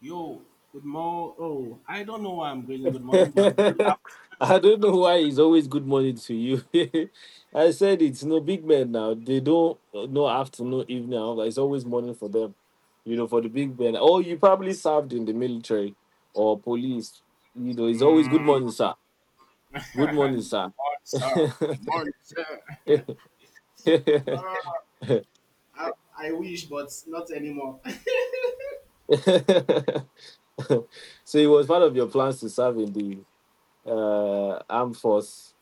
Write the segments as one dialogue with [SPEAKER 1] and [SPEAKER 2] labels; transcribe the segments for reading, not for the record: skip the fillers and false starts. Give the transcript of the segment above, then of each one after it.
[SPEAKER 1] Yo, good morning. Oh, I don't know why I'm greeting good morning, but good
[SPEAKER 2] I don't know why it's always good morning to you. I said it's no big men now. They don't no afternoon, evening, and all that. It's always morning for them. You know, for the big men. Oh, you probably served in the military or police. You know, it's always good
[SPEAKER 1] afternoon.
[SPEAKER 2] morning, sir. Good morning,
[SPEAKER 1] Mm.
[SPEAKER 2] sir.
[SPEAKER 1] Oh, sorry. Morning, sir. Uh, I, I wish, but not anymore.
[SPEAKER 2] So it was part of your plans to serve in the armed force.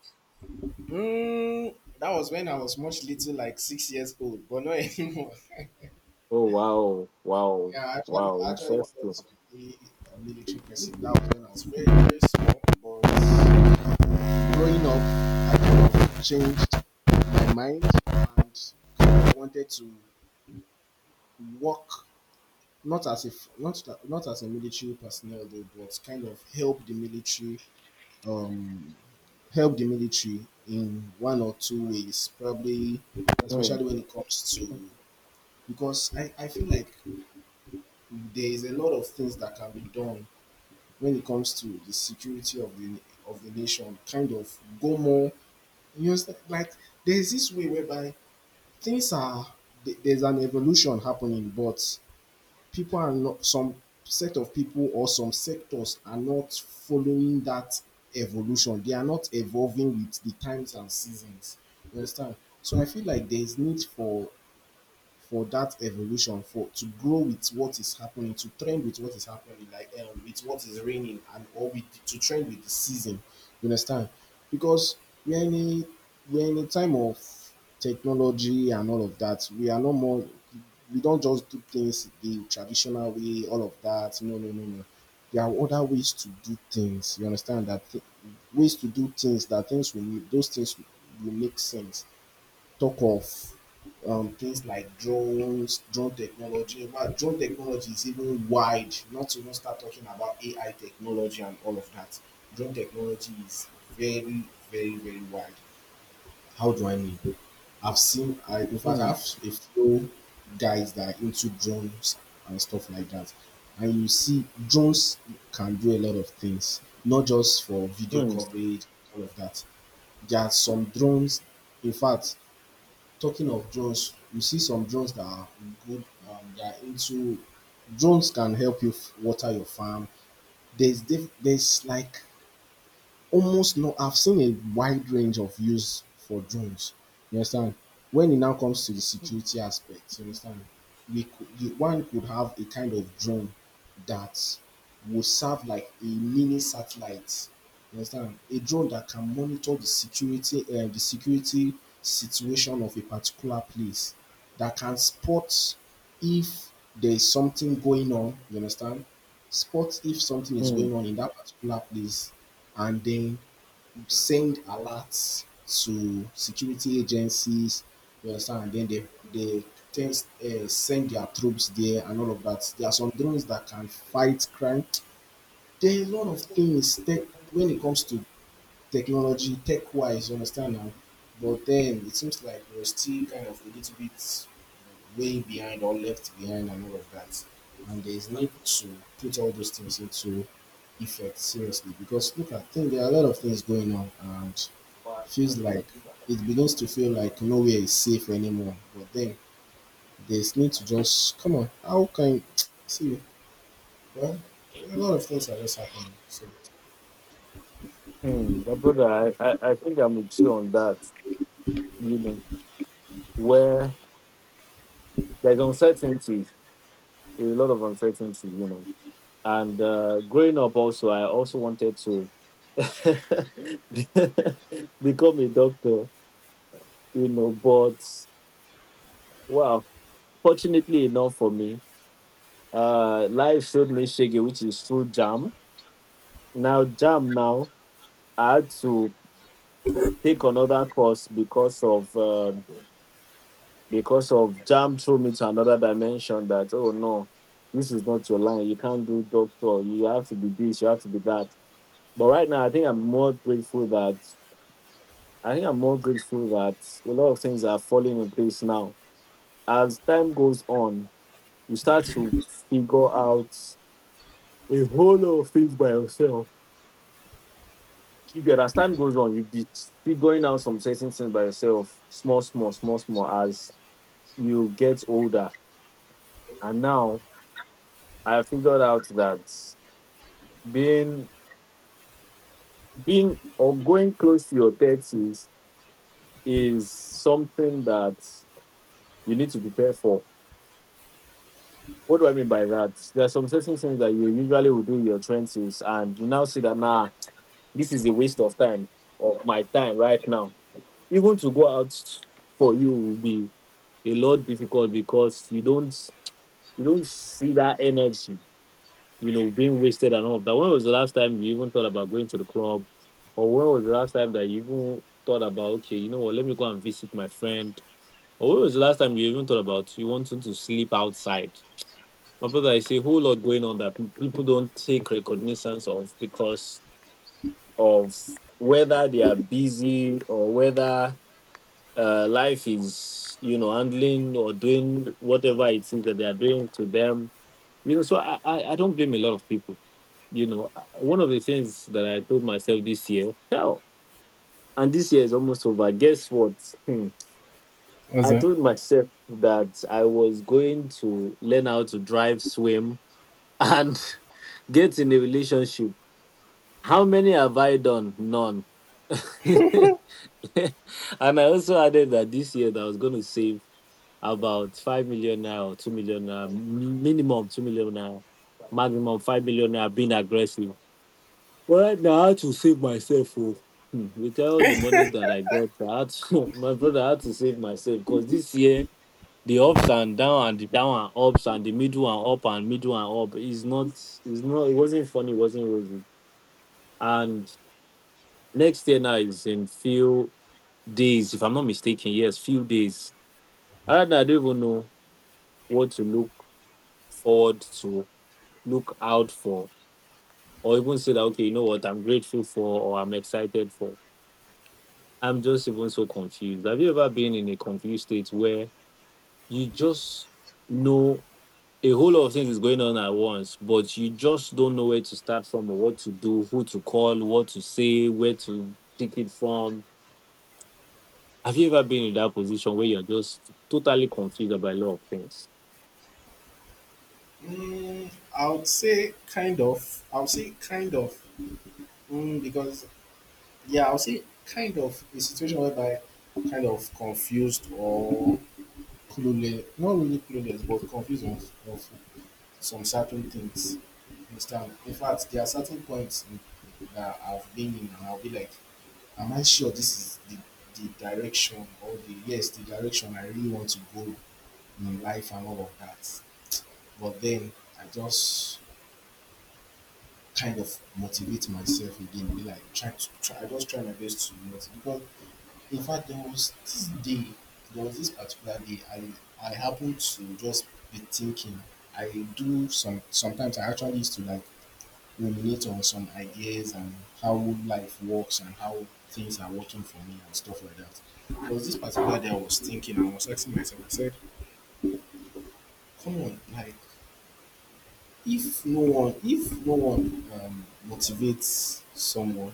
[SPEAKER 1] Mm, that was when I was much little, like 6 years old, but not anymore.
[SPEAKER 2] Oh wow, wow,
[SPEAKER 1] Yeah,
[SPEAKER 2] wow!
[SPEAKER 1] I actually wanted
[SPEAKER 2] Interesting.
[SPEAKER 1] to be a military person. That was when I was very, very small. But growing up, I kind of changed my mind and kind of wanted to work. Not as if not as a military personnel, though, but kind of help the military um help the military in one or two ways, probably
[SPEAKER 2] Hmm,
[SPEAKER 1] especially when it comes to, because I feel like there is a lot of things that can be done when it comes to the security of the nation. Kind of go more, you know, like there's this way whereby things are, there's an evolution happening, but people are not, some set of people or some sectors are not following that evolution. They are not evolving with the times and seasons, you understand? So I feel like there is need for that evolution, for to grow with what is happening, to trend with what is happening, like with what is raining, and or with, to trend with the season. You understand? Because we're in a we're in a time of technology and all of that. We are no more, we don't just do things the traditional way all of that. No, no, no, no. There are other ways to do things, you understand, ways to do things that things will make those things will make sense. Talk of things like drones, drone technology. But drone technology is even wide, not to even start talking about AI technology and all of that. Drone technology is very, very, very wide. How do I mean? I've seen, in fact, I
[SPEAKER 2] hmm,
[SPEAKER 1] have a few guys that are into drones and stuff like that. And you see, drones can do a lot of things, not just for video
[SPEAKER 2] hmm.
[SPEAKER 1] coverage all of that. There are some drones, in fact, talking of drones, you see some drones that are good, they are into, drones can help you water your farm. There's like almost no, I've seen a wide range of use for drones. You understand? When it now comes to the security aspect, you understand? One could have a kind of drone that will serve like a mini satellite. You understand? A drone that can monitor the security situation of a particular place, that can spot if there is something going on. You understand? Spot if something is
[SPEAKER 2] Mm,
[SPEAKER 1] going on in that particular place, and then send alerts to security agencies, you understand, and then they send their troops there and all of that. There are some drones that can fight crime. There are a lot of things that, when it comes to technology, tech wise, you understand now. But then it seems like we're still kind of a little bit way behind or left behind and all of that. And there is need to put all those things into effect seriously, because look at, think there are a lot of things going on and feels like, it begins to feel like nowhere is safe anymore. But then there's need to just come on, how can, see, well, a lot of things are just happening. So
[SPEAKER 2] mm. My brother, I think I'm with you on that, you know, where there's uncertainty, a lot of uncertainty, you know. And growing up also, I also wanted to become a doctor, you know, but well, fortunately enough for me, life showed me Shege, which is through jam. Now, jam now, I had to take another course because of jam threw me to another dimension, that oh no, this is not your line, you can't do doctor, you have to be this, you have to be that. But right now, I think I'm more grateful that a lot of things are falling in place now. As time goes on, you start to figure out a whole lot of things by yourself. You get, as time goes on, you be figuring out some certain things by yourself, small small small small, as you get older. And now, I figured out that being being or going close to your thirties is something that you need to prepare for. What do I mean by that? There are some certain things that you usually would do in your twenties, and you now see that nah, this is a waste of time, of my time right now. Even to go out for you will be a lot difficult because you don't see that energy, you know, being wasted and all of that. When was the last time you even thought about going to the club? Or when was the last time that you even thought about, okay, you know what, let me go and visit my friend? Or when was the last time you even thought about you wanting to sleep outside? My brother, I see a whole lot going on that people don't take recognizance of, because of whether they are busy or whether life is, you know, handling or doing whatever it is that they are doing to them. You know, so I don't blame a lot of people, you know, one of the things that I told myself this year, hell, and this year is almost over. Guess what? Hmm.
[SPEAKER 1] what's
[SPEAKER 2] I
[SPEAKER 1] that?
[SPEAKER 2] told myself that I was going to learn how to drive, swim, and get in a relationship. How many have I done? None. And I also added that this year that I was going to save about 5 million naira, or 2 million now, minimum 2 million naira, maximum 5 million naira, being aggressive. But right now, I had to save myself. Oh. With all the money that I got, I had to, my brother, I had to save myself because this year the ups and down and the down and ups and the middle and up and middle and up is not, it wasn't funny, it wasn't rosy. And next year now is in few days, if I'm not mistaken, yes, few days. And I don't even know what to look forward to, look out for, or even say that, okay, you know what, I'm grateful for, or I'm excited for. I'm just even so confused. Have you ever been in a confused state where you just know a whole lot of things is going on at once, but you just don't know where to start from, or what to do, who to call, what to say, where to pick it from? Have you ever been in that position where you're just totally confused about a lot of things?
[SPEAKER 1] Mm, I would say kind of. I would say kind of. Mm, because yeah, I would say kind of a situation whereby I'm kind of confused or clueless, not really clueless, but confused of some certain things. You understand? In fact, there are certain points that I've been in, and I'll be like, "Am I sure this is the direction, or the, yes, the direction I really want to go in life and all of that?" But then I just kind of motivate myself again. Be like, try to try. I just try my best to motivate, because in fact there was this day, there was this particular day I happened to just be thinking. I do some sometimes I actually used to like ruminate on some ideas and how life works and how things are working for me and stuff like that. There was this particular day I was thinking and I was asking myself, I said, come on, like if no one, motivates someone,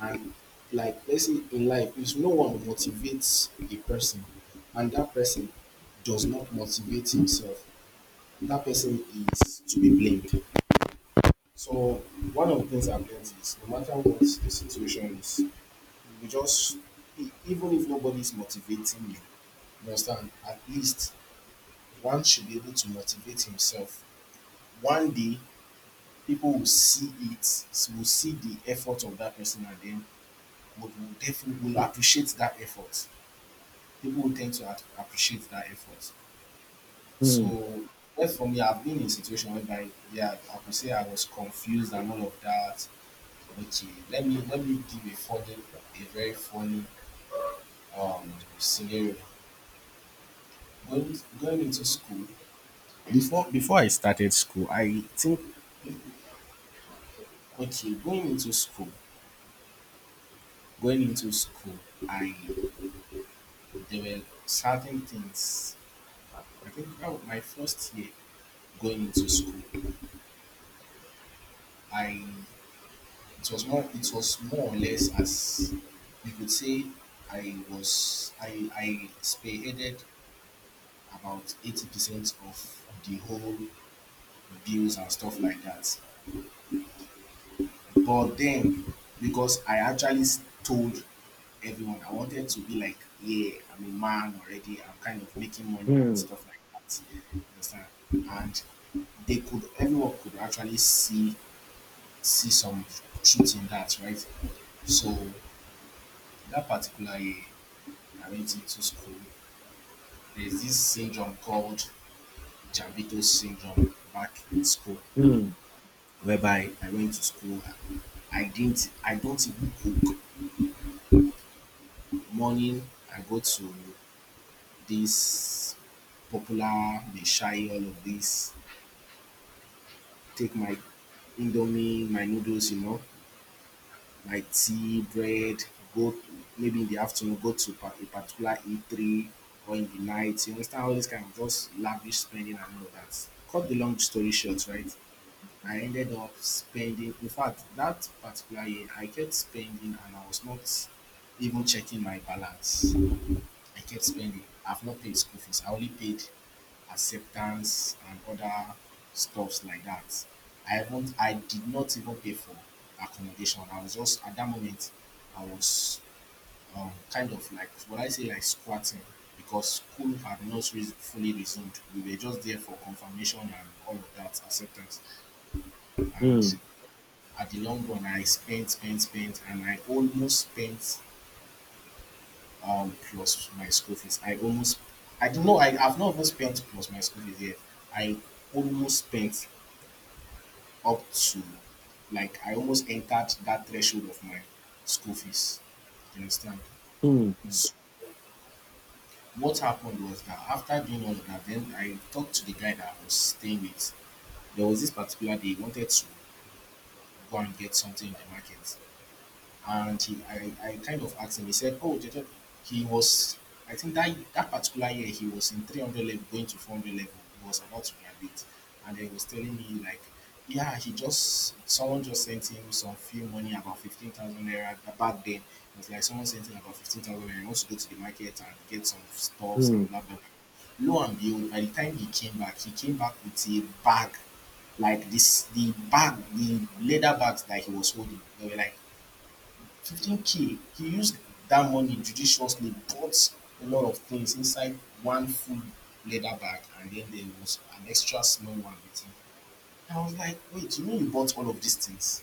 [SPEAKER 1] and like let's say in life, if no one motivates a person and that person does not motivate himself, that person is to be blamed. So one of the things I've learned is, no matter what the situation is, you just, even if nobody's motivating you, you understand, at least one should be able to motivate himself. One day people will see it, will see the effort of that person, and then would will definitely will appreciate that effort. People will tend to appreciate that effort.
[SPEAKER 2] Hmm.
[SPEAKER 1] So, well, for me, I've been in a situation whereby, yeah, I could say I was confused and all of that. Okay, let me give a funny, a very funny um scenario. Going into school, before I started school, I think, okay, going into school, I there were certain things. I think, oh, my first year going into school, I, it was more or less, as you could say, I was I spearheaded about 80% of the whole bills and stuff like that. But then, because I actually told everyone, I wanted to be like, yeah, I'm a man already. I'm kind of making money and
[SPEAKER 2] Hmm.
[SPEAKER 1] stuff like that. You understand? And everyone could actually see some truth in that, right? So that particular year, I went into school. There's this syndrome called Javito syndrome back in school,
[SPEAKER 2] Hmm.
[SPEAKER 1] whereby I went to school. I don't even cook morning. I go to this popular, they shy, all of this. Take my indomie, my noodles, you know, my tea, bread, go maybe in the afternoon, go to a particular eatery, or in the night. You understand, all this kind of just lavish spending and all that. Cut the long story short, right? I ended up spending, in fact, that particular year, I kept spending and I was not even checking my balance. I kept spending. I've not paid school fees. I only paid acceptance and other stuffs like that. I haven't, I did not even pay for accommodation. I was just at that moment. I was kind of like, what I say, like squatting, because school had not fully resumed. We were just there for confirmation and all of that, acceptance. And
[SPEAKER 2] Hmm.
[SPEAKER 1] at the long run, I spent, spent, spent, and I almost spent plus my school fees. I almost, I don't know, I have not even spent plus my school fees yet. I almost spent up to like, I almost entered that threshold of my school fees. You understand?
[SPEAKER 2] Hmm.
[SPEAKER 1] So what happened was that after doing all of that, then I talked to the guy that I was staying with. There was this particular day he wanted to go and get something in the market. And he, I kind of asked him. He said, oh, Jeje, he was, I think that that particular year he was in 300 level going to 400 level. He was about to graduate, and then he was telling me like, yeah, he just, someone just sent him some few money, about 15,000 naira back then. It was like someone sent him about 15,000 naira. He wants to go to the market and get some stuffs
[SPEAKER 2] Hmm.
[SPEAKER 1] and blah blah blah. Lo and behold, by the time he came back with a bag like this, the bag, the leather bags that he was holding, they were like 15K. He used that money judiciously, bought a lot of things inside one full leather bag, and then there was an extra small one with him. I was like, wait, you know, you bought all of these things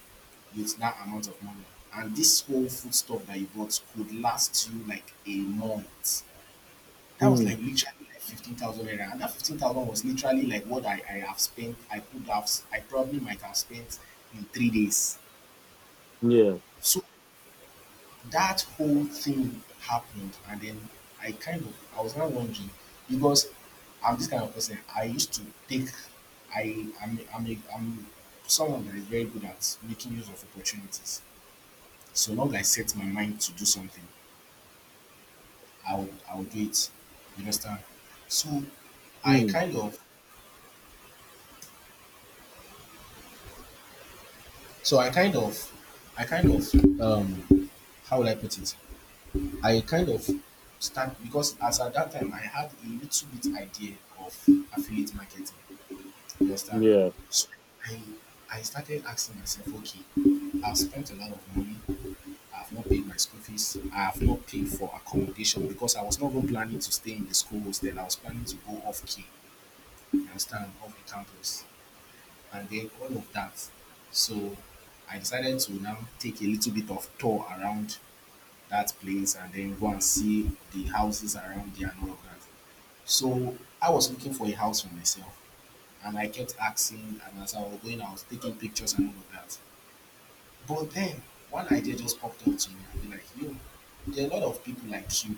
[SPEAKER 1] with that amount of money, and this whole food stuff that you bought could last you like a month? That was
[SPEAKER 2] Hmm.
[SPEAKER 1] like literally like 15,000 naira, and that 15,000 was literally like what I have spent, I could have, I probably might have spent in 3 days.
[SPEAKER 2] Yeah.
[SPEAKER 1] So that whole thing happened, and then I kind of, I was now wondering, because I'm this kind of person. I used to take, I I'm a, I'm someone that is very good at making use of opportunities. So long I set my mind to do something, I will do it. You understand? So I
[SPEAKER 2] Hmm.
[SPEAKER 1] kind of so I kind of how would I put it? I kind of start because as at that time I had a little bit idea of affiliate marketing. You understand?
[SPEAKER 2] Yeah.
[SPEAKER 1] So I I started asking myself, okay, I've spent a lot of money. I've not paid my school fees. I have not paid for accommodation because I was not even planning to stay in the schools. Then I was planning to go off key. You understand? Off the campus, and then all of that. So I decided to now take a little bit of tour around that place and then go and see the houses around there and all of that. So I was looking for a house for myself, and I kept asking, and as I was going I was taking pictures and all of that. But then one idea just popped up to me and be like, yo, there are a lot of people like you,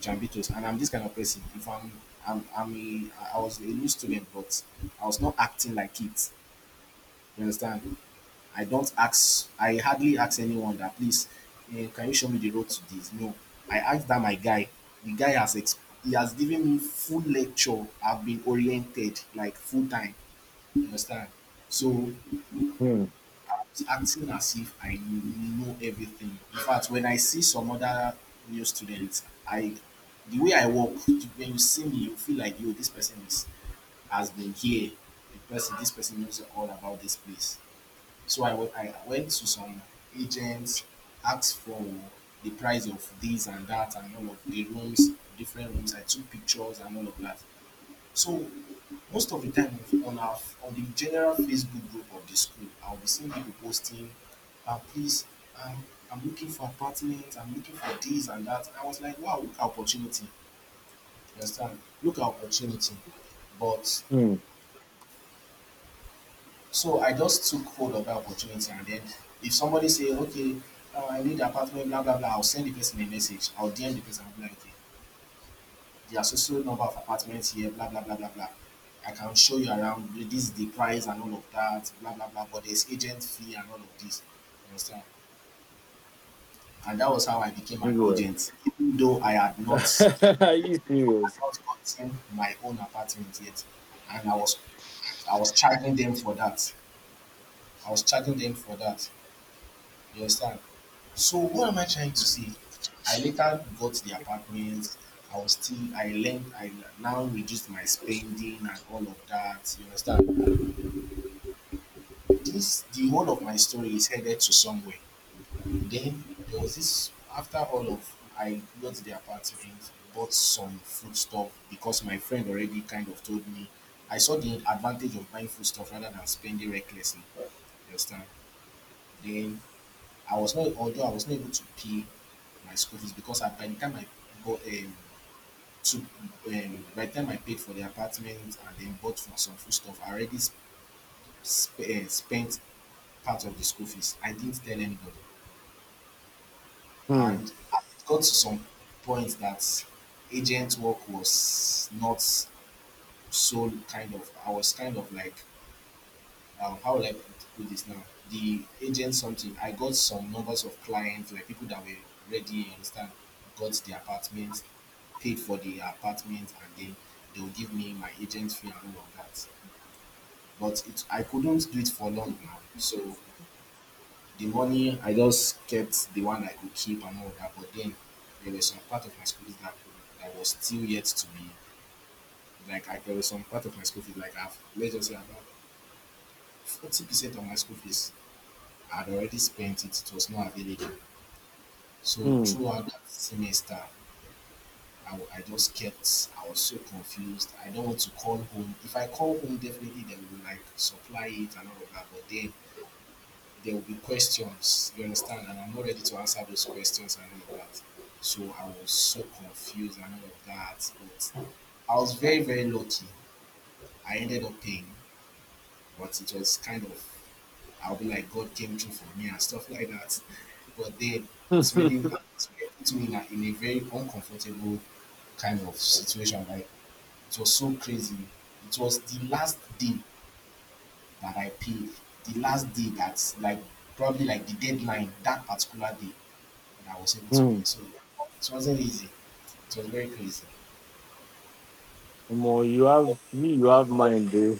[SPEAKER 1] Jambitos, and I'm this kind of person. If I'm I'm a I was a new student, but I was not acting like it. You understand? I don't ask, I hardly ask anyone that, please, can you show me the road to this? No, I asked that my guy. The guy has ex- He has given me full lecture. I've been oriented like full time. You understand? So
[SPEAKER 2] Hmm.
[SPEAKER 1] I'm acting as if I know everything. In fact, when I see some other new students, I the way I walk, when you see me, you feel like yo, this person is has been here. This person knows all about this place. So I went to some agents, asked for the price of this and that and all of the rooms, different rooms. I took pictures and all of that. So most of the time on the general Facebook group of the school, I'll be seeing people posting, uh, please, um, I'm looking for apartment, I'm looking for this and that. I was like, wow, look at opportunity. You understand? Look at opportunity. But
[SPEAKER 2] Hmm.
[SPEAKER 1] So I just took hold of that opportunity, and then if somebody say, okay, I need apartment, blah, blah, blah, I'll send the person a message. I'll DM the person and be like, okay, there's also number of apartments here, blah, blah, blah, blah, blah. I can show you around, this is the price and all of that, blah, blah, blah, but there's agent fee and all of this. You understand? And that was how I became an
[SPEAKER 2] Anyway.
[SPEAKER 1] agent, even though I
[SPEAKER 2] Are you
[SPEAKER 1] had
[SPEAKER 2] serious?
[SPEAKER 1] not gotten my own apartment yet. And I was, I was charging them for that. I was charging them for that. You understand? So what am I trying to say? I later got the apartment. I was still I learned I now reduced my spending and all of that. You understand? This The whole of my story is headed to somewhere. Then there was this, after all of, I got the apartment, bought some food stuff because my friend already kind of told me, I saw the advantage of buying food stuff rather than spending recklessly. You understand? Then I was not, although I was not able to pay my school fees because by the time I bought, um, took, by the time I paid for the apartment and then bought for some food stuff, I already spent part of the school fees. I didn't tell anybody,
[SPEAKER 2] Hmm.
[SPEAKER 1] and it got to some point that agent work was not so kind of. I was kind of like how would I put this now? The agent something. I got some numbers of clients, like people that were ready, you understand, got the apartments, paid for the apartment, and then they will give me my agent fee and all of that. I couldn't do it for long now. So the money, I just kept the one I could keep and all of that. But then there was some part of my school fees that, that was still yet to be, there was some part of my school fees like I've, let's just say about 40% of my school fees I had already spent it, it was not available. So
[SPEAKER 2] Hmm.
[SPEAKER 1] throughout that semester, I just kept, I was so confused. I don't want to call home. If I call home, definitely they will like supply it and all of that, but then there will be questions, you understand? And I'm not ready to answer those questions and all of that. So I was so confused and all of that. But I was very, very lucky. I ended up paying, but it was kind of, I'll be like, God came through for me and stuff like that. But then it's really it's really put me in a very uncomfortable kind of situation. Like it was so crazy. It was the last day that I paid, the last day that's like probably like the deadline, that particular day that I was able to
[SPEAKER 2] Hmm.
[SPEAKER 1] pay. So it wasn't easy. It was very crazy.
[SPEAKER 2] More, you have me, you have mine, bro.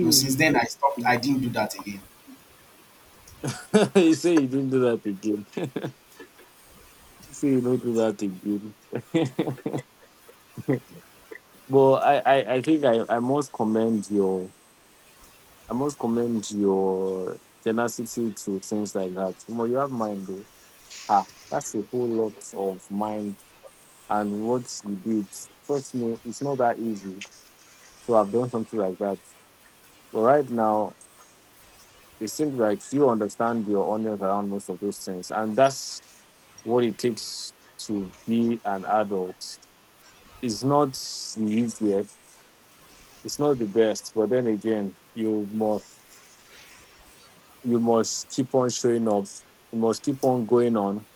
[SPEAKER 1] You know, since then I stopped. I didn't do that again.
[SPEAKER 2] you say you didn't do that again. You say you don't do that again. But I think I must commend your tenacity to things like that. More, you have mind, bro. Ah, that's a whole lot of mind and what you did. Trust me, it's not that easy to have done something like that. But right now, it seems like you understand your audience around most of those things. And that's what it takes to be an adult. It's not the easiest, it's not the best, but then again, you must keep on showing up. You must keep on going on.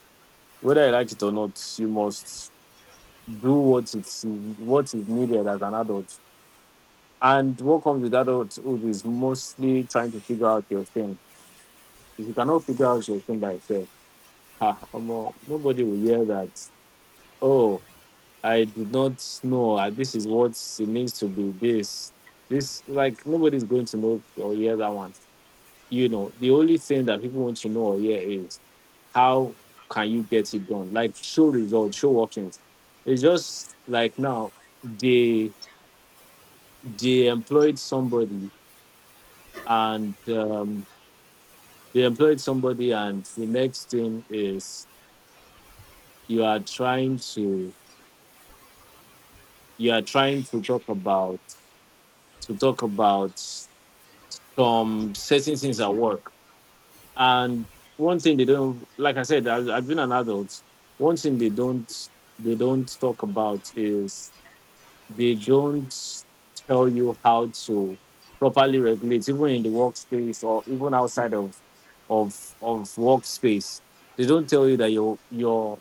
[SPEAKER 2] Whether you like it or not, you must do what is needed as an adult. And what comes with adulthood is mostly trying to figure out your thing. If you cannot figure out your thing by yourself, ah, omo, nobody will hear that. Oh, I did not know. This is what it means to be this. This, like, nobody's going to know or hear that one. You know, the only thing that people want to know or hear is how can you get it done? Like, show results, show workings. It's just like now, they they employed somebody, and they employed somebody, and the next thing is you are trying to you are trying to talk about, to talk about some certain things at work. And one thing they don't, like I said, I've been an adult. One thing they don't talk about is they don't tell you how to properly regulate, even in the workspace or even outside of of workspace. They don't tell you that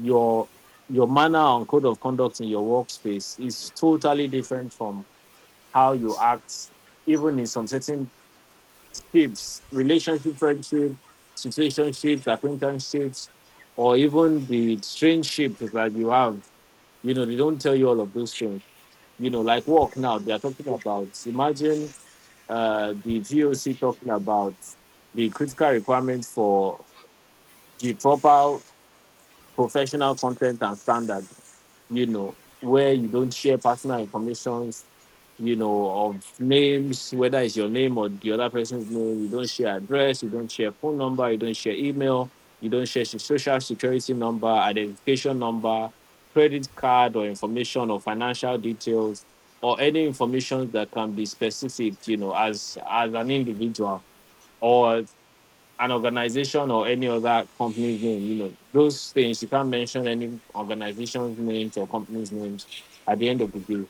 [SPEAKER 2] your your manner and code of conduct in your workspace is totally different from how you act even in some certain shapes, relationship, friendship, situationships, acquaintanceships, or even the strange that you have. You know, they don't tell you all of those things. You know, like work now, they are talking about. Imagine the GOC talking about the critical requirements for the proper professional content and standard, you know, where you don't share personal information, you know, of names, whether it's your name or the other person's name. You don't share address, you don't share phone number, you don't share email, you don't share social security number, identification number, credit card or information or financial details or any information that can be specific, you know, as an individual. Or an organization or any other company's name. You know, those things, you can't mention any organization's names or company's names at the end of the day.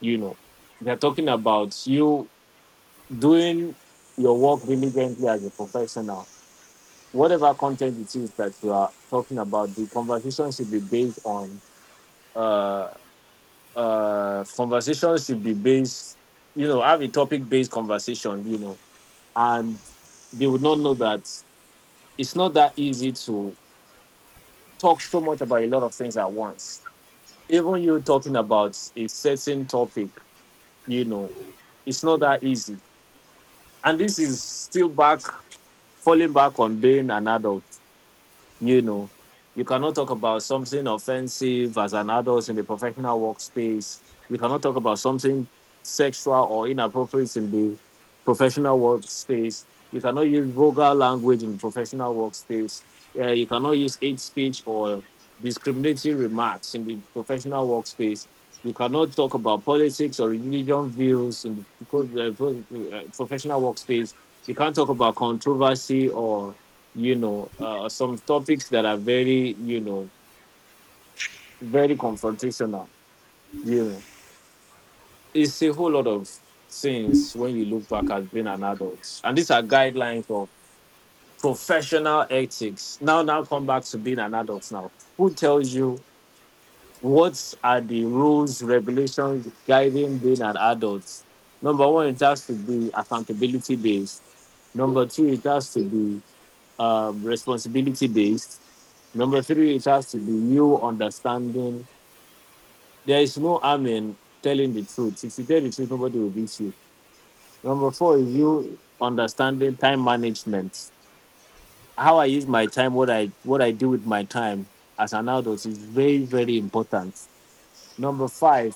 [SPEAKER 2] You know, they're talking about you doing your work diligently as a professional. Whatever content it is that you are talking about, the conversation should be based on uh conversation should be based, you know, have a topic based conversation, you know, and they would not know that it's not that easy to talk so much about a lot of things at once. Even you talking about a certain topic, you know, it's not that easy. And this is still back, falling back on being an adult, you know, you cannot talk about something offensive as an adult in the professional workspace. You cannot talk about something sexual or inappropriate in the professional workspace. You cannot use vulgar language in professional workspace. You cannot use hate speech or discriminatory remarks in the professional workspace. You cannot talk about politics or religion views in the professional workspace. You can't talk about controversy or, you know, some topics that are very, you know, very confrontational. You know, it's a whole lot of things when you look back as being an adult, and these are guidelines of professional ethics. Now, come back to being an adult. Now, who tells you what are the rules, regulations guiding being an adult? Number one, it has to be accountability based. Number two, it has to be responsibility based. Number three, it has to be you understanding. There is no harm in telling the truth. If you tell the truth, nobody will beat you. Number four is you understanding time management. How I use my time, what I do with my time as an adult is very, very important. Number five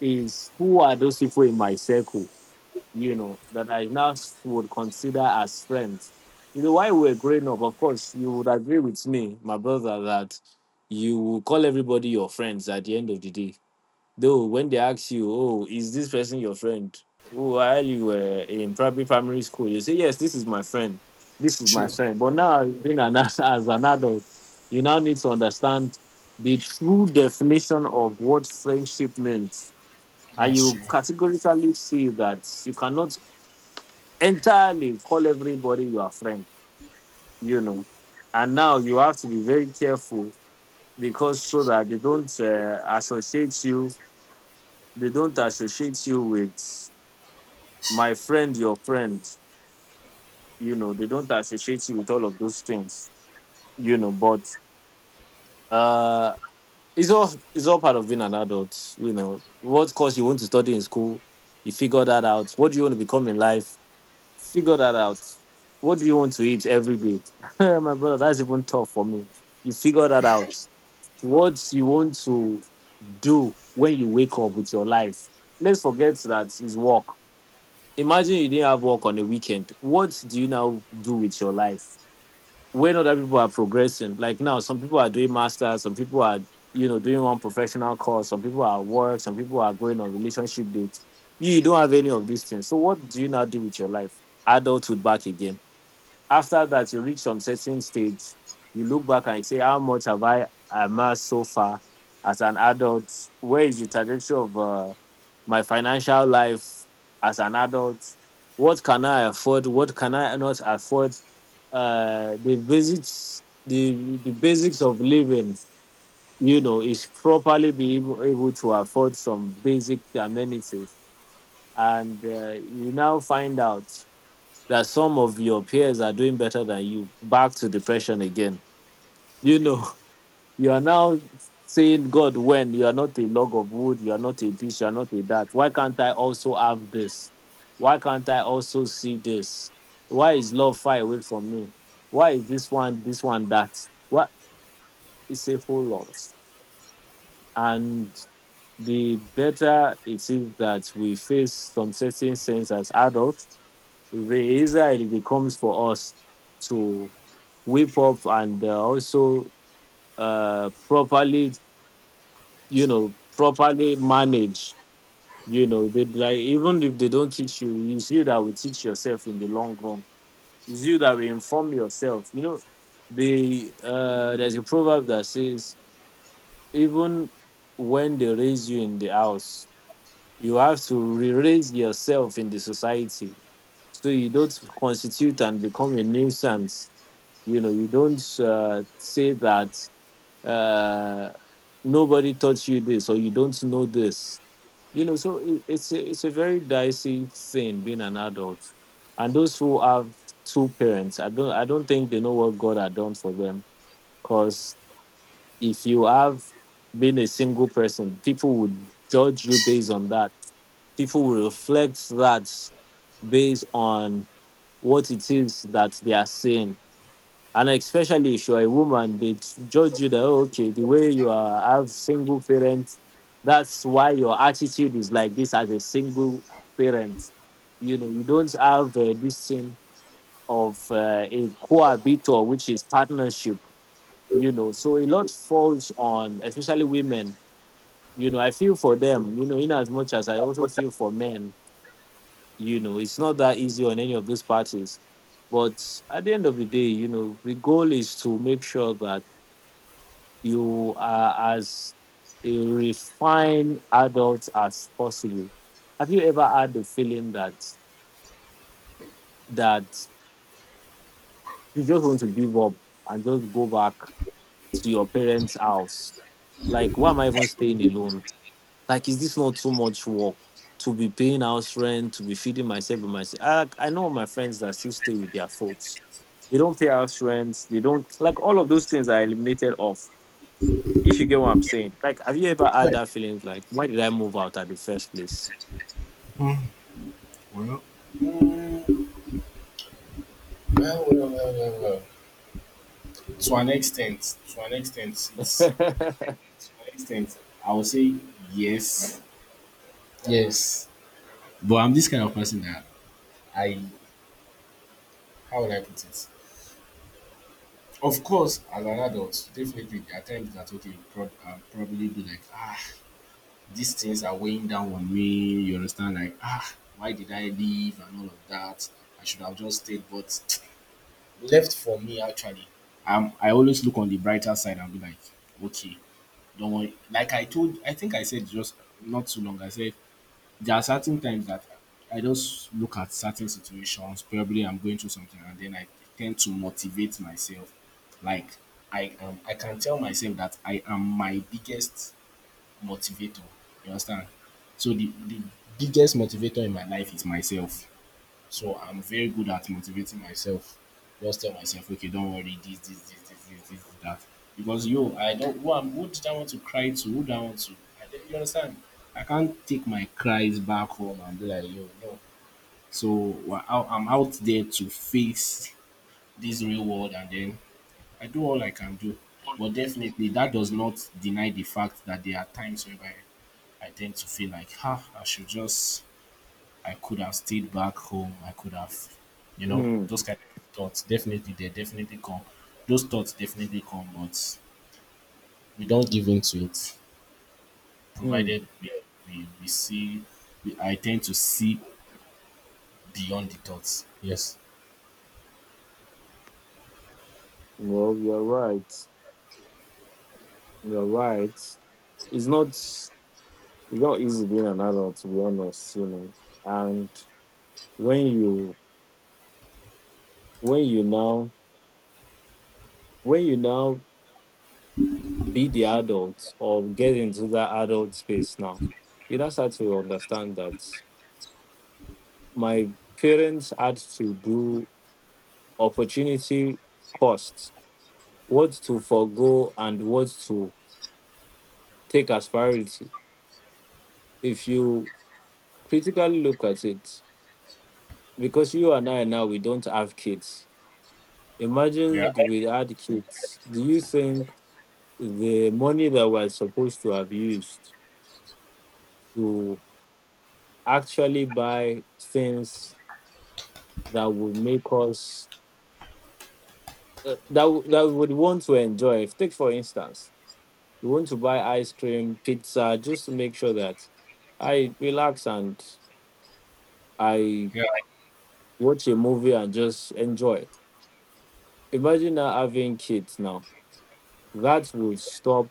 [SPEAKER 2] is who are those people in my circle? You know, that I now would consider as strength. You know, while we were growing up, of course, you would agree with me, my brother, that you will call everybody your friends at the end of the day. Though when they ask you, oh, is this person your friend? While you were in probably primary school, you say, yes, this is my friend. This is my
[SPEAKER 1] True,
[SPEAKER 2] friend. But now, as an adult, you now need to understand the true definition of what friendship means, and
[SPEAKER 1] that's
[SPEAKER 2] you
[SPEAKER 1] true.
[SPEAKER 2] categorically see that you cannot entirely call everybody your friend, you know. And now you have to be very careful because so that they don't associate you, they don't associate you with my friend, your friend, you know, they don't associate you with all of those things, you know. But uh, it's all part of being an adult, you know. What course you want to study in school, you figure that out. What do you want to become in life? Figure that out. What do you want to eat every day? My brother, that's even tough for me. You figure that out. What you want to do when you wake up with your life. Let's forget that is work. Imagine you didn't have work on the weekend. What do you now do with your life? When other people are progressing, like now, some people are doing masters, some people are, you know, doing one professional course, some people are at work, some people are going on relationship dates. You don't have any of these things. So what do you now do with your life? Adulthood back again. After that, you reach some certain stage, you look back and you say, how much have I amassed so far as an adult? Where is the trajectory of my financial life as an adult? What can I afford? What can I not afford? The basics, the basics of living, you know, is properly being able to afford some basic amenities. And you now find out that some of your peers are doing better than you, back to depression again. You know, you are now saying, God, when you are not a log of wood, you are not a this, you are not a that. Why can't I also have this? Why can't I also see this? Why is love far away from me? Why is this one, that? What? It's a whole lot. And the better it is that we face some certain things as adults, the easier it becomes for us to whip up and also properly, you know, properly manage. You know, they like even if they don't teach you, it's you that will teach yourself in the long run. It's you that will inform yourself. You know, there's a proverb that says even when they raise you in the house, you have to re-raise yourself in the society, so you don't constitute and become a nuisance. You know, you don't say that uh, nobody taught you this or you don't know this, you know. So it's a very dicey thing being an adult, and those who have two parents, I don't think they know what God had done for them. Because if you have been a single person, people would judge you based on that, people will reflect that based on what it is that they are saying. And especially if you're a woman, they judge you that, "Oh, okay, the way you are, have single parents, that's why your attitude is like this as a single parent. You know, you don't have this thing of a cohabitor, which is partnership, you know." So a lot falls on, especially women, you know, I feel for them, you know, in as much as I also feel for men, you know, it's not that easy on any of these parties. But at the end of the day, you know, the goal is to make sure that you are as a refined adult as possible. Have you ever had the feeling that you just want to give up and just go back to your parents' house? Like, why am I even staying alone? Like, is this not too much work to be paying house rent, to be feeding myself and myself? I know my friends that still stay with their folks. They don't pay house rent. They don't, like, all of those things are eliminated off. If you get what I'm saying, like, have you ever had that feeling of like, why did I move out at the first place?
[SPEAKER 1] Well, mm, well, well, well, well, well, to an extent, it's
[SPEAKER 2] Hmm.
[SPEAKER 1] to an extent. I would say yes, yes. But I'm this kind of person that I how would I put it? Of course, as an adult, definitely there are times that okay, I'll probably be like ah, these things are weighing down on me. You understand? Like ah, why did I leave and all of that? I should have just stayed, but left for me actually. I always look on the brighter side and be like, okay, don't worry. Like I told, I think I said just not too long. I said there are certain times that I just look at certain situations. Probably I'm going through something, and then I tend to motivate myself. Like I am, I can tell myself that I am my biggest motivator. You understand? So the biggest motivator in my life is myself. So I'm very good at motivating myself. Just tell myself, okay, don't worry, this, that. Because yo, I don't who am who did I want to cry to? Who do I want to? I don't, you understand? I can't take my cries back home and be like, yo, no. So I'm out there to face this real world, and then I do all I can do. But definitely, that does not deny the fact that there are times whereby I tend to feel like, ha, I should just I could have stayed back home. I could have, you know, those kind of thoughts. Definitely, they definitely come. Those thoughts definitely come, but we don't give in to it.
[SPEAKER 2] Hmm.
[SPEAKER 1] Provided we see, I tend to see beyond the thoughts. Yes.
[SPEAKER 2] Well, you're right. You're right. It's not easy being an adult, to be honest, you know. And when you when you now when you now be the adult or get into that adult space now, you now start to understand that my parents had to do opportunity costs, what to forego and what to take as priority. If you critically look at it, because you and I now, we don't have kids.
[SPEAKER 1] Yeah.
[SPEAKER 2] Imagine we had kids. Do you think the money that we're supposed to have used to actually buy things that would make us that we would want to enjoy, if take for instance, you want to buy ice cream, pizza, just to make sure that I relax and I
[SPEAKER 1] Yeah.
[SPEAKER 2] watch a movie and just enjoy. Imagine now having kids now. That will stop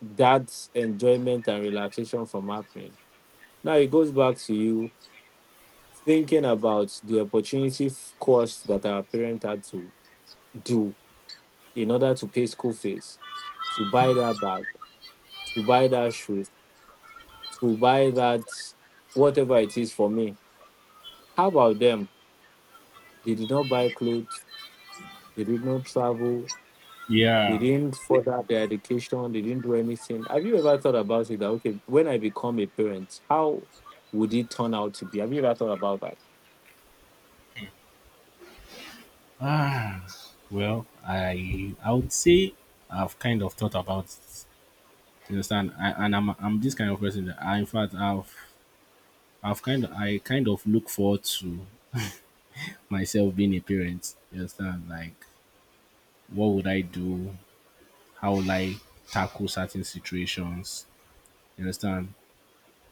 [SPEAKER 2] that enjoyment and relaxation from happening. Now it goes back to you thinking about the opportunity cost that our parent had to do in order to pay school fees, to buy that bag, to buy that shoe, to buy that whatever it is for me. How about them? They did not buy clothes, they did not travel, they
[SPEAKER 1] Yeah.
[SPEAKER 2] didn't further their education. They didn't do anything. Have you ever thought about it? That okay, when I become a parent, how would it turn out to be? Have you ever thought about that?
[SPEAKER 1] Ah, well, I would say I've kind of thought about it. You understand? I, and I'm this kind of person that I, in fact, I kind of look forward to myself being a parent. You understand? Like, what would I do? How would I tackle certain situations? You understand?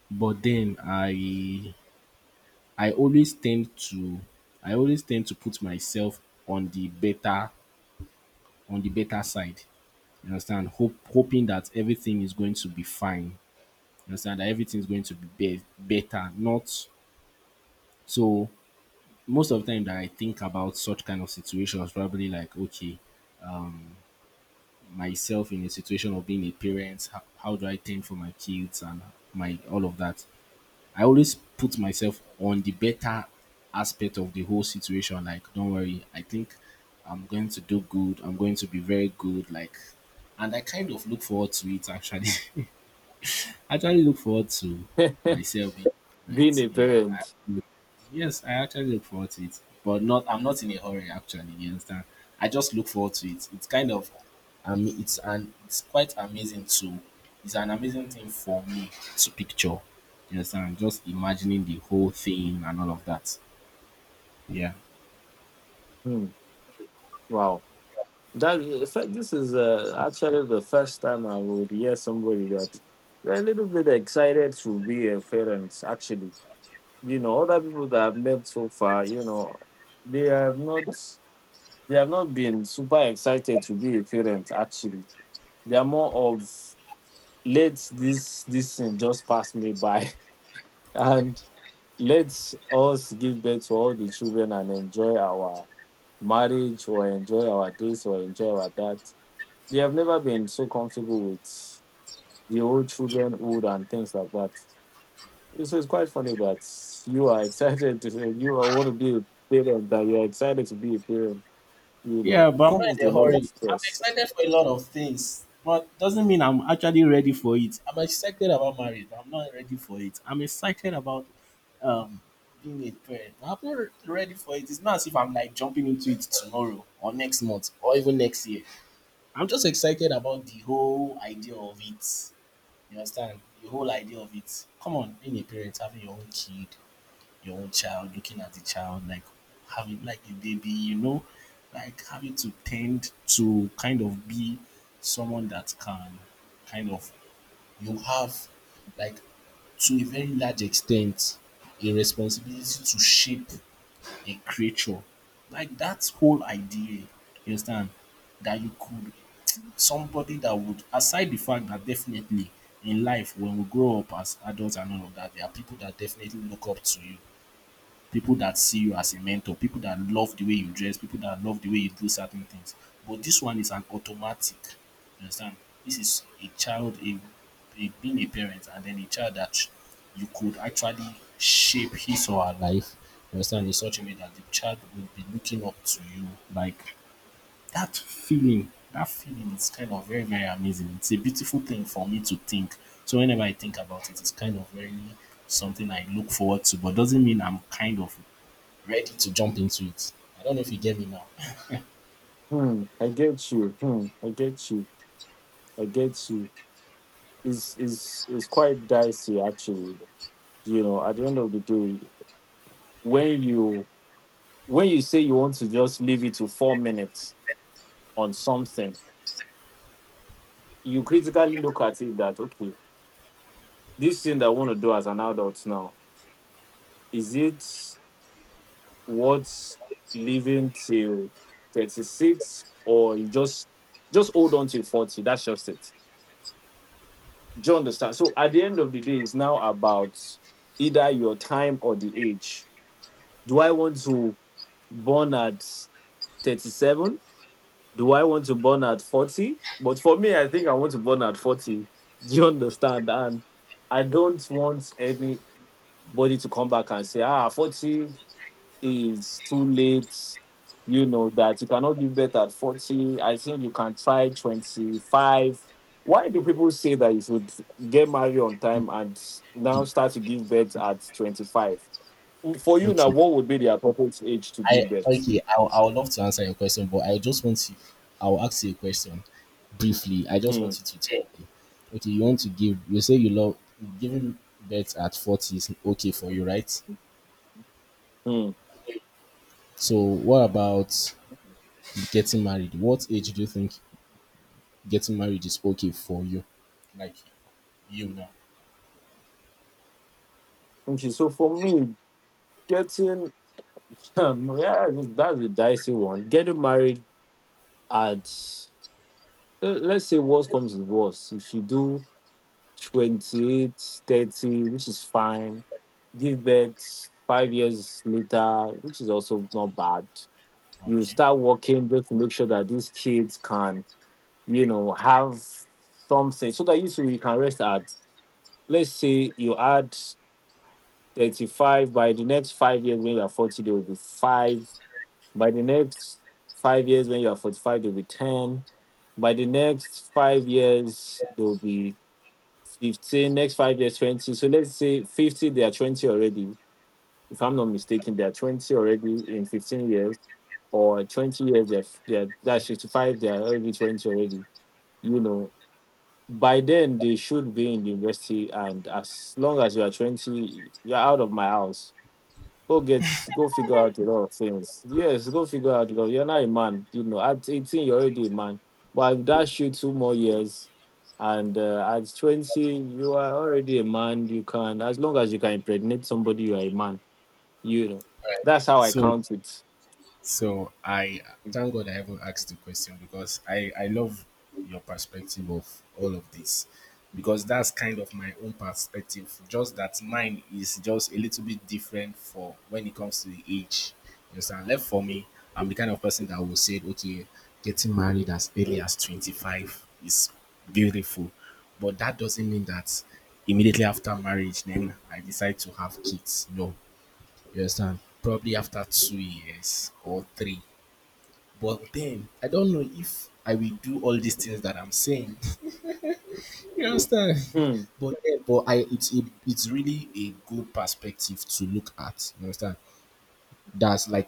[SPEAKER 1] But then I always tend to I always tend to put myself on the better on the better side. You understand? Hope hoping that everything is going to be fine. You understand that everything is going to be better. Not so Most of the time that I think about such kind of situations, probably like okay, myself in a situation of being a parent, how do I tend for my kids and my all of that, I always put myself on the better aspect of the whole situation, like don't worry, I think I'm going to do good, I'm going to be very good, like, and I kind of look forward to it actually. I actually look forward to myself in
[SPEAKER 2] Being
[SPEAKER 1] it.
[SPEAKER 2] a
[SPEAKER 1] Yeah.
[SPEAKER 2] parent.
[SPEAKER 1] Yes, I actually look forward to it. But not I'm not in a hurry actually, you understand? I just look forward to it. It's kind of it's quite amazing to, it's an amazing thing for me to picture. You understand? Just imagining the whole thing and all of that. Yeah.
[SPEAKER 2] Hmm. Wow. That in fact, this is actually the first time I would hear somebody that they're a little bit excited to be a parent. Actually, you know, other people that I've met so far, you know, they have not they have not been super excited to be a parent. Actually, they are more of let this thing just pass me by and let us give birth to all the children and enjoy our marriage or enjoy our this or enjoy our that. They have never been so comfortable with the old children, old and things like that. So it's quite funny that you are excited to want to be a parent, that you are excited to be a parent. You know,
[SPEAKER 1] Yeah,
[SPEAKER 2] it
[SPEAKER 1] but I'm
[SPEAKER 2] comes
[SPEAKER 1] not
[SPEAKER 2] with
[SPEAKER 1] in
[SPEAKER 2] a
[SPEAKER 1] a
[SPEAKER 2] lot of
[SPEAKER 1] hurry. I'm
[SPEAKER 2] stress.
[SPEAKER 1] excited for a lot of things, but doesn't mean I'm actually ready for it. I'm excited about marriage, but I'm not ready for it. I'm excited about um being a parent. I'm not ready for it. It's not as if I'm like jumping into it tomorrow or next month or even next year. I'm just excited about the whole idea of it. You understand? The whole idea of it. Come on, being a parent, having your own kid, your own child, looking at the child, like having like a baby, like having to tend to kind of be someone that can kind of you have like to a very large extent a responsibility to shape a creature. Like that whole idea, you understand, that you could somebody that would aside the fact that definitely in life when we grow up as adults and all of that, there are people that definitely look up to you, people that see you as a mentor, people that love the way you dress, people that love the way you do certain things. But this one is an automatic. You understand? This is a child, a being a parent, and then a child that you could actually shape his or her life. You understand? In such a way that the child will be looking up to you. Like that feeling is kind of very, very amazing. It's a beautiful thing for me to think. So whenever I think about it, it's kind of very something I look forward to, but doesn't mean I'm kind of ready to jump into it. I don't know if you get me now.
[SPEAKER 2] Hmm, I get you. Hmm, I get you. I get you. Is quite dicey actually, you know. At the end of the day, when you, say you want to just leave it to 4 minutes on something, you critically look at it that okay, this thing that I want to do as an adult now, is it worth living till 36, or you just hold on till 40, that's just it. Do you understand? So at the end of the day, it's now about either your time or the age. Do I want to born at 37? Do I want to burn at 40? But for me, I think I want to burn at 40. Do you understand? And I don't want anybody to come back and say, ah, 40 is too late. You know, that you cannot give birth at 40. I think you can try 25. Why do people say that you should get married on time and now
[SPEAKER 1] The-
[SPEAKER 2] start to give birth at 25? For you now,
[SPEAKER 1] okay.
[SPEAKER 2] what would be the appropriate age to
[SPEAKER 1] I
[SPEAKER 2] give birth?
[SPEAKER 1] okay. I would love to answer your question, but I just want to. I'll ask you a question briefly. I just want
[SPEAKER 2] Hmm.
[SPEAKER 1] you to tell me. Okay, you want to give. You say you love giving birth at 40 is okay for you, right?
[SPEAKER 2] Hmm.
[SPEAKER 1] So what about getting married? What age do you think getting married is okay for you? Like you now.
[SPEAKER 2] Okay, so for me, getting yeah, that's a dicey one. Getting married at let's say worst comes to worst. If you do 28, 30, which is fine. Give birth 5 years later, which is also not bad. You
[SPEAKER 1] Okay.
[SPEAKER 2] start working just to make sure that these kids can, you know, have something so that you can rest at, let's say you add 35, by the next 5 years when you're 40, there will be five. By the next 5 years, when you are 45, they'll be 10. By the next 5 years, they'll be 15. Next 5 years, 20. So let's say 50, they are 20 already. If I'm not mistaken, they are 20 already in 15 years, or 20 years, that's 65, they are already 20 already. You know, by then, they should be in the university. And as long as you are 20, you're out of my house. Go get, go figure out a lot of things. Yes, go figure out a lot. You're not a man, you know. At 18, you're already a man. But if that you two more years, and at 20, you are already a man. You can, as long as you can impregnate somebody, you are a man. You know, that's how I
[SPEAKER 1] So
[SPEAKER 2] count it.
[SPEAKER 1] So I thank God I haven't asked the question because I love your perspective of all of this because that's kind of my own perspective. Just that mine is just a little bit different for when it comes to the age. You understand? Left for me, I'm the kind of person that will say, okay, getting married as early as 25 is beautiful. But that doesn't mean that immediately after marriage, then I decide to have kids. No, you understand? Probably after 2 years or three. But then I don't know if I will do all these things that I'm saying. You understand?
[SPEAKER 2] Hmm.
[SPEAKER 1] But then, but I it's a, it's really a good perspective to look at. You understand? That's like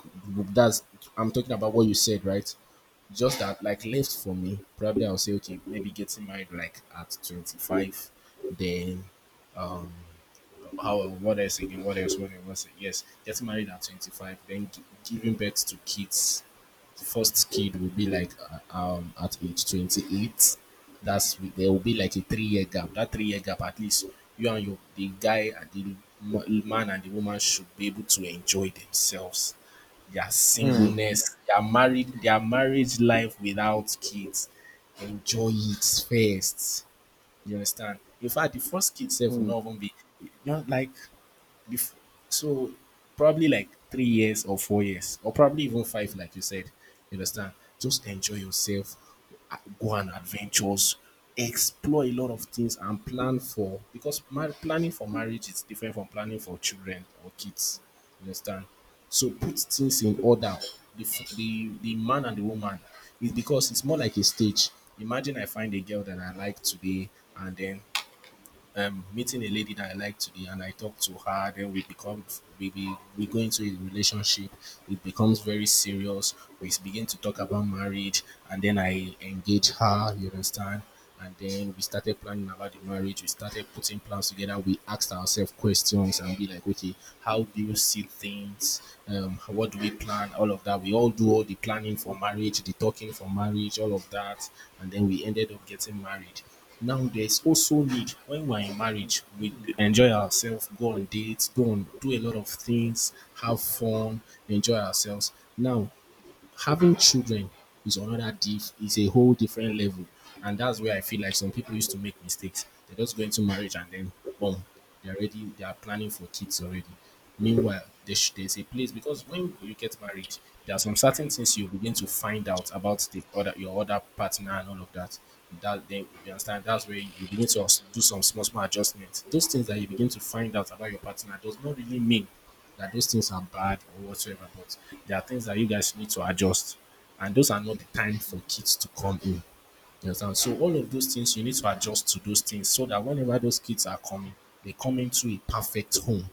[SPEAKER 1] that's I'm talking about what you said, right? Just that like left for me, probably I'll say okay, maybe getting married like at 25, then um how what else again? What else? What else? What else? Yes, get married at 25, then giving birth to kids. The first kid will be like at age 28. That's There will be like a 3 year gap. That 3 year gap, at least you and your the guy and the man and the woman should be able to enjoy themselves, their
[SPEAKER 2] Hmm.
[SPEAKER 1] singleness, their marriage life without kids. Enjoy it first. You understand? In fact, the first kid self will
[SPEAKER 2] Hmm.
[SPEAKER 1] not even be like before, so probably like 3 years or 4 years, or probably even five, like you said. You understand? Just enjoy yourself, go on adventures, explore a lot of things, and plan for because planning for marriage is different from planning for children or kids. You understand? So put things in order. The man and the woman is because it's more like a stage. Imagine I find a girl that I like today, and then meeting a lady that I like today and I talk to her, then we become we go into a relationship, it becomes very serious. We begin to talk about marriage and then I engage her, you understand? And then we started planning about the marriage, we started putting plans together, we asked ourselves questions and be like, okay, how do you see things? What do we plan? All of that. We all do all the planning for marriage, the talking for marriage, all of that, and then we ended up getting married. Now there's also need when we're in marriage, we enjoy ourselves, go on dates, go on do a lot of things, have fun, enjoy ourselves. Now having children is another diff is a whole different level. And that's where I feel like some people used to make mistakes. They just go into marriage and then boom, they're ready. They are planning for kids already. Meanwhile, there's a place because when you get married, there are some certain things you begin to find out about the other your other partner and all of that. That, then you understand, that's where you begin to also do some small small adjustments. Those things that you begin to find out about your partner does not really mean that those things are bad or whatsoever, but there are things that you guys need to adjust. And those are not the time for kids to come in. You understand? So all of those things you need to adjust to those things so that whenever those kids are coming, they come into a perfect home.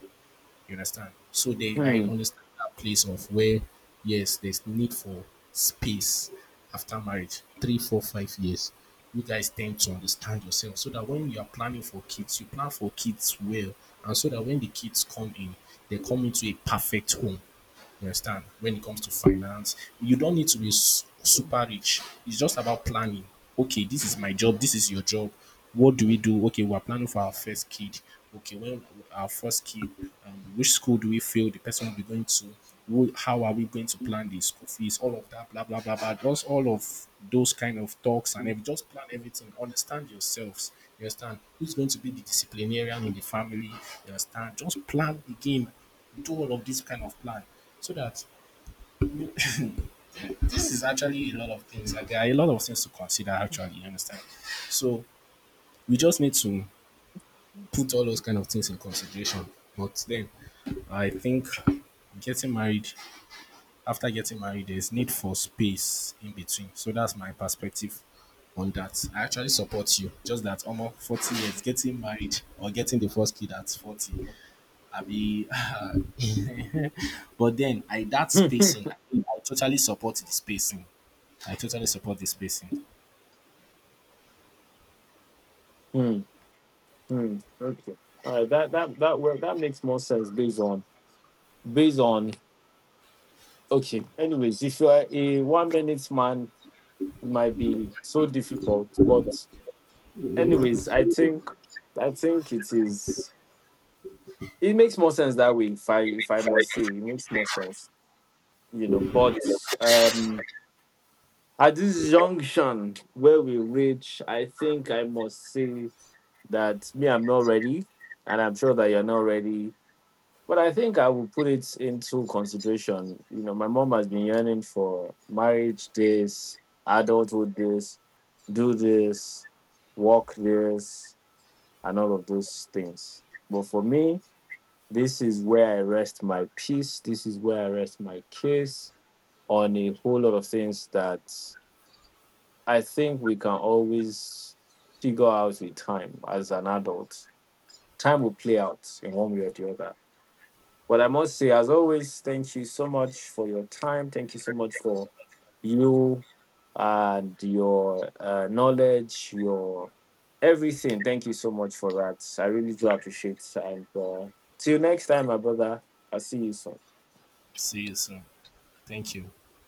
[SPEAKER 1] You understand? So they I
[SPEAKER 2] Hmm.
[SPEAKER 1] understand that place of where yes, there's need for space after marriage, 3, 4, 5 years. You guys tend to understand yourself so that when you are planning for kids, you plan for kids well, and so that when the kids come in, they come into a perfect home. You understand? When it comes to finance, you don't need to be super rich. It's just about planning. Okay, this is my job. This is your job. What do we do? Okay, we're planning for our first kid. Okay, when our first kid, which school do we feel the person will be going to? Who, how are we going to plan the school fees? All of that, blah blah blah blah. Just all of those kind of talks and just plan everything. Understand yourselves. You understand who's going to be the disciplinarian in the family. You understand? Just plan the game, do all of this kind of plan, so that this is actually a lot of things and there are a lot of things to consider actually. You understand? So we just need to put all those kind of things in consideration. But then, I think getting married, after getting married, there's need for space in between. So that's my perspective on that. I actually support you, just that almost 40 years getting married or getting the first kid at 40 I be, but then I that spacing, I, think I totally support the spacing. I totally support the spacing.
[SPEAKER 2] Hmm. Hmm. Okay. All right. That work. That makes more sense based on based on. Okay. Anyways, if you are a 1 minute man, might be so difficult. But anyways, I think it is, it makes more sense that way. If I must say, it makes more sense. You know, but um at this junction where we reach, I think I must say that me, I'm not ready, and I'm sure that you're not ready. But I think I will put it into consideration. You know, my mom has been yearning for marriage days, adulthood days, do this, walk this, and all of those things. But for me, this is where I rest my peace. This is where I rest my case on a whole lot of things that I think we can always figure out with time as an adult. Time will play out in one way or the other. Well, I must say, as always, thank you so much for your time. Thank you so much for you and your knowledge, your everything. Thank you so much for that. I really do appreciate. And till next time, my brother. I'll see you soon.
[SPEAKER 1] See you soon. Thank you.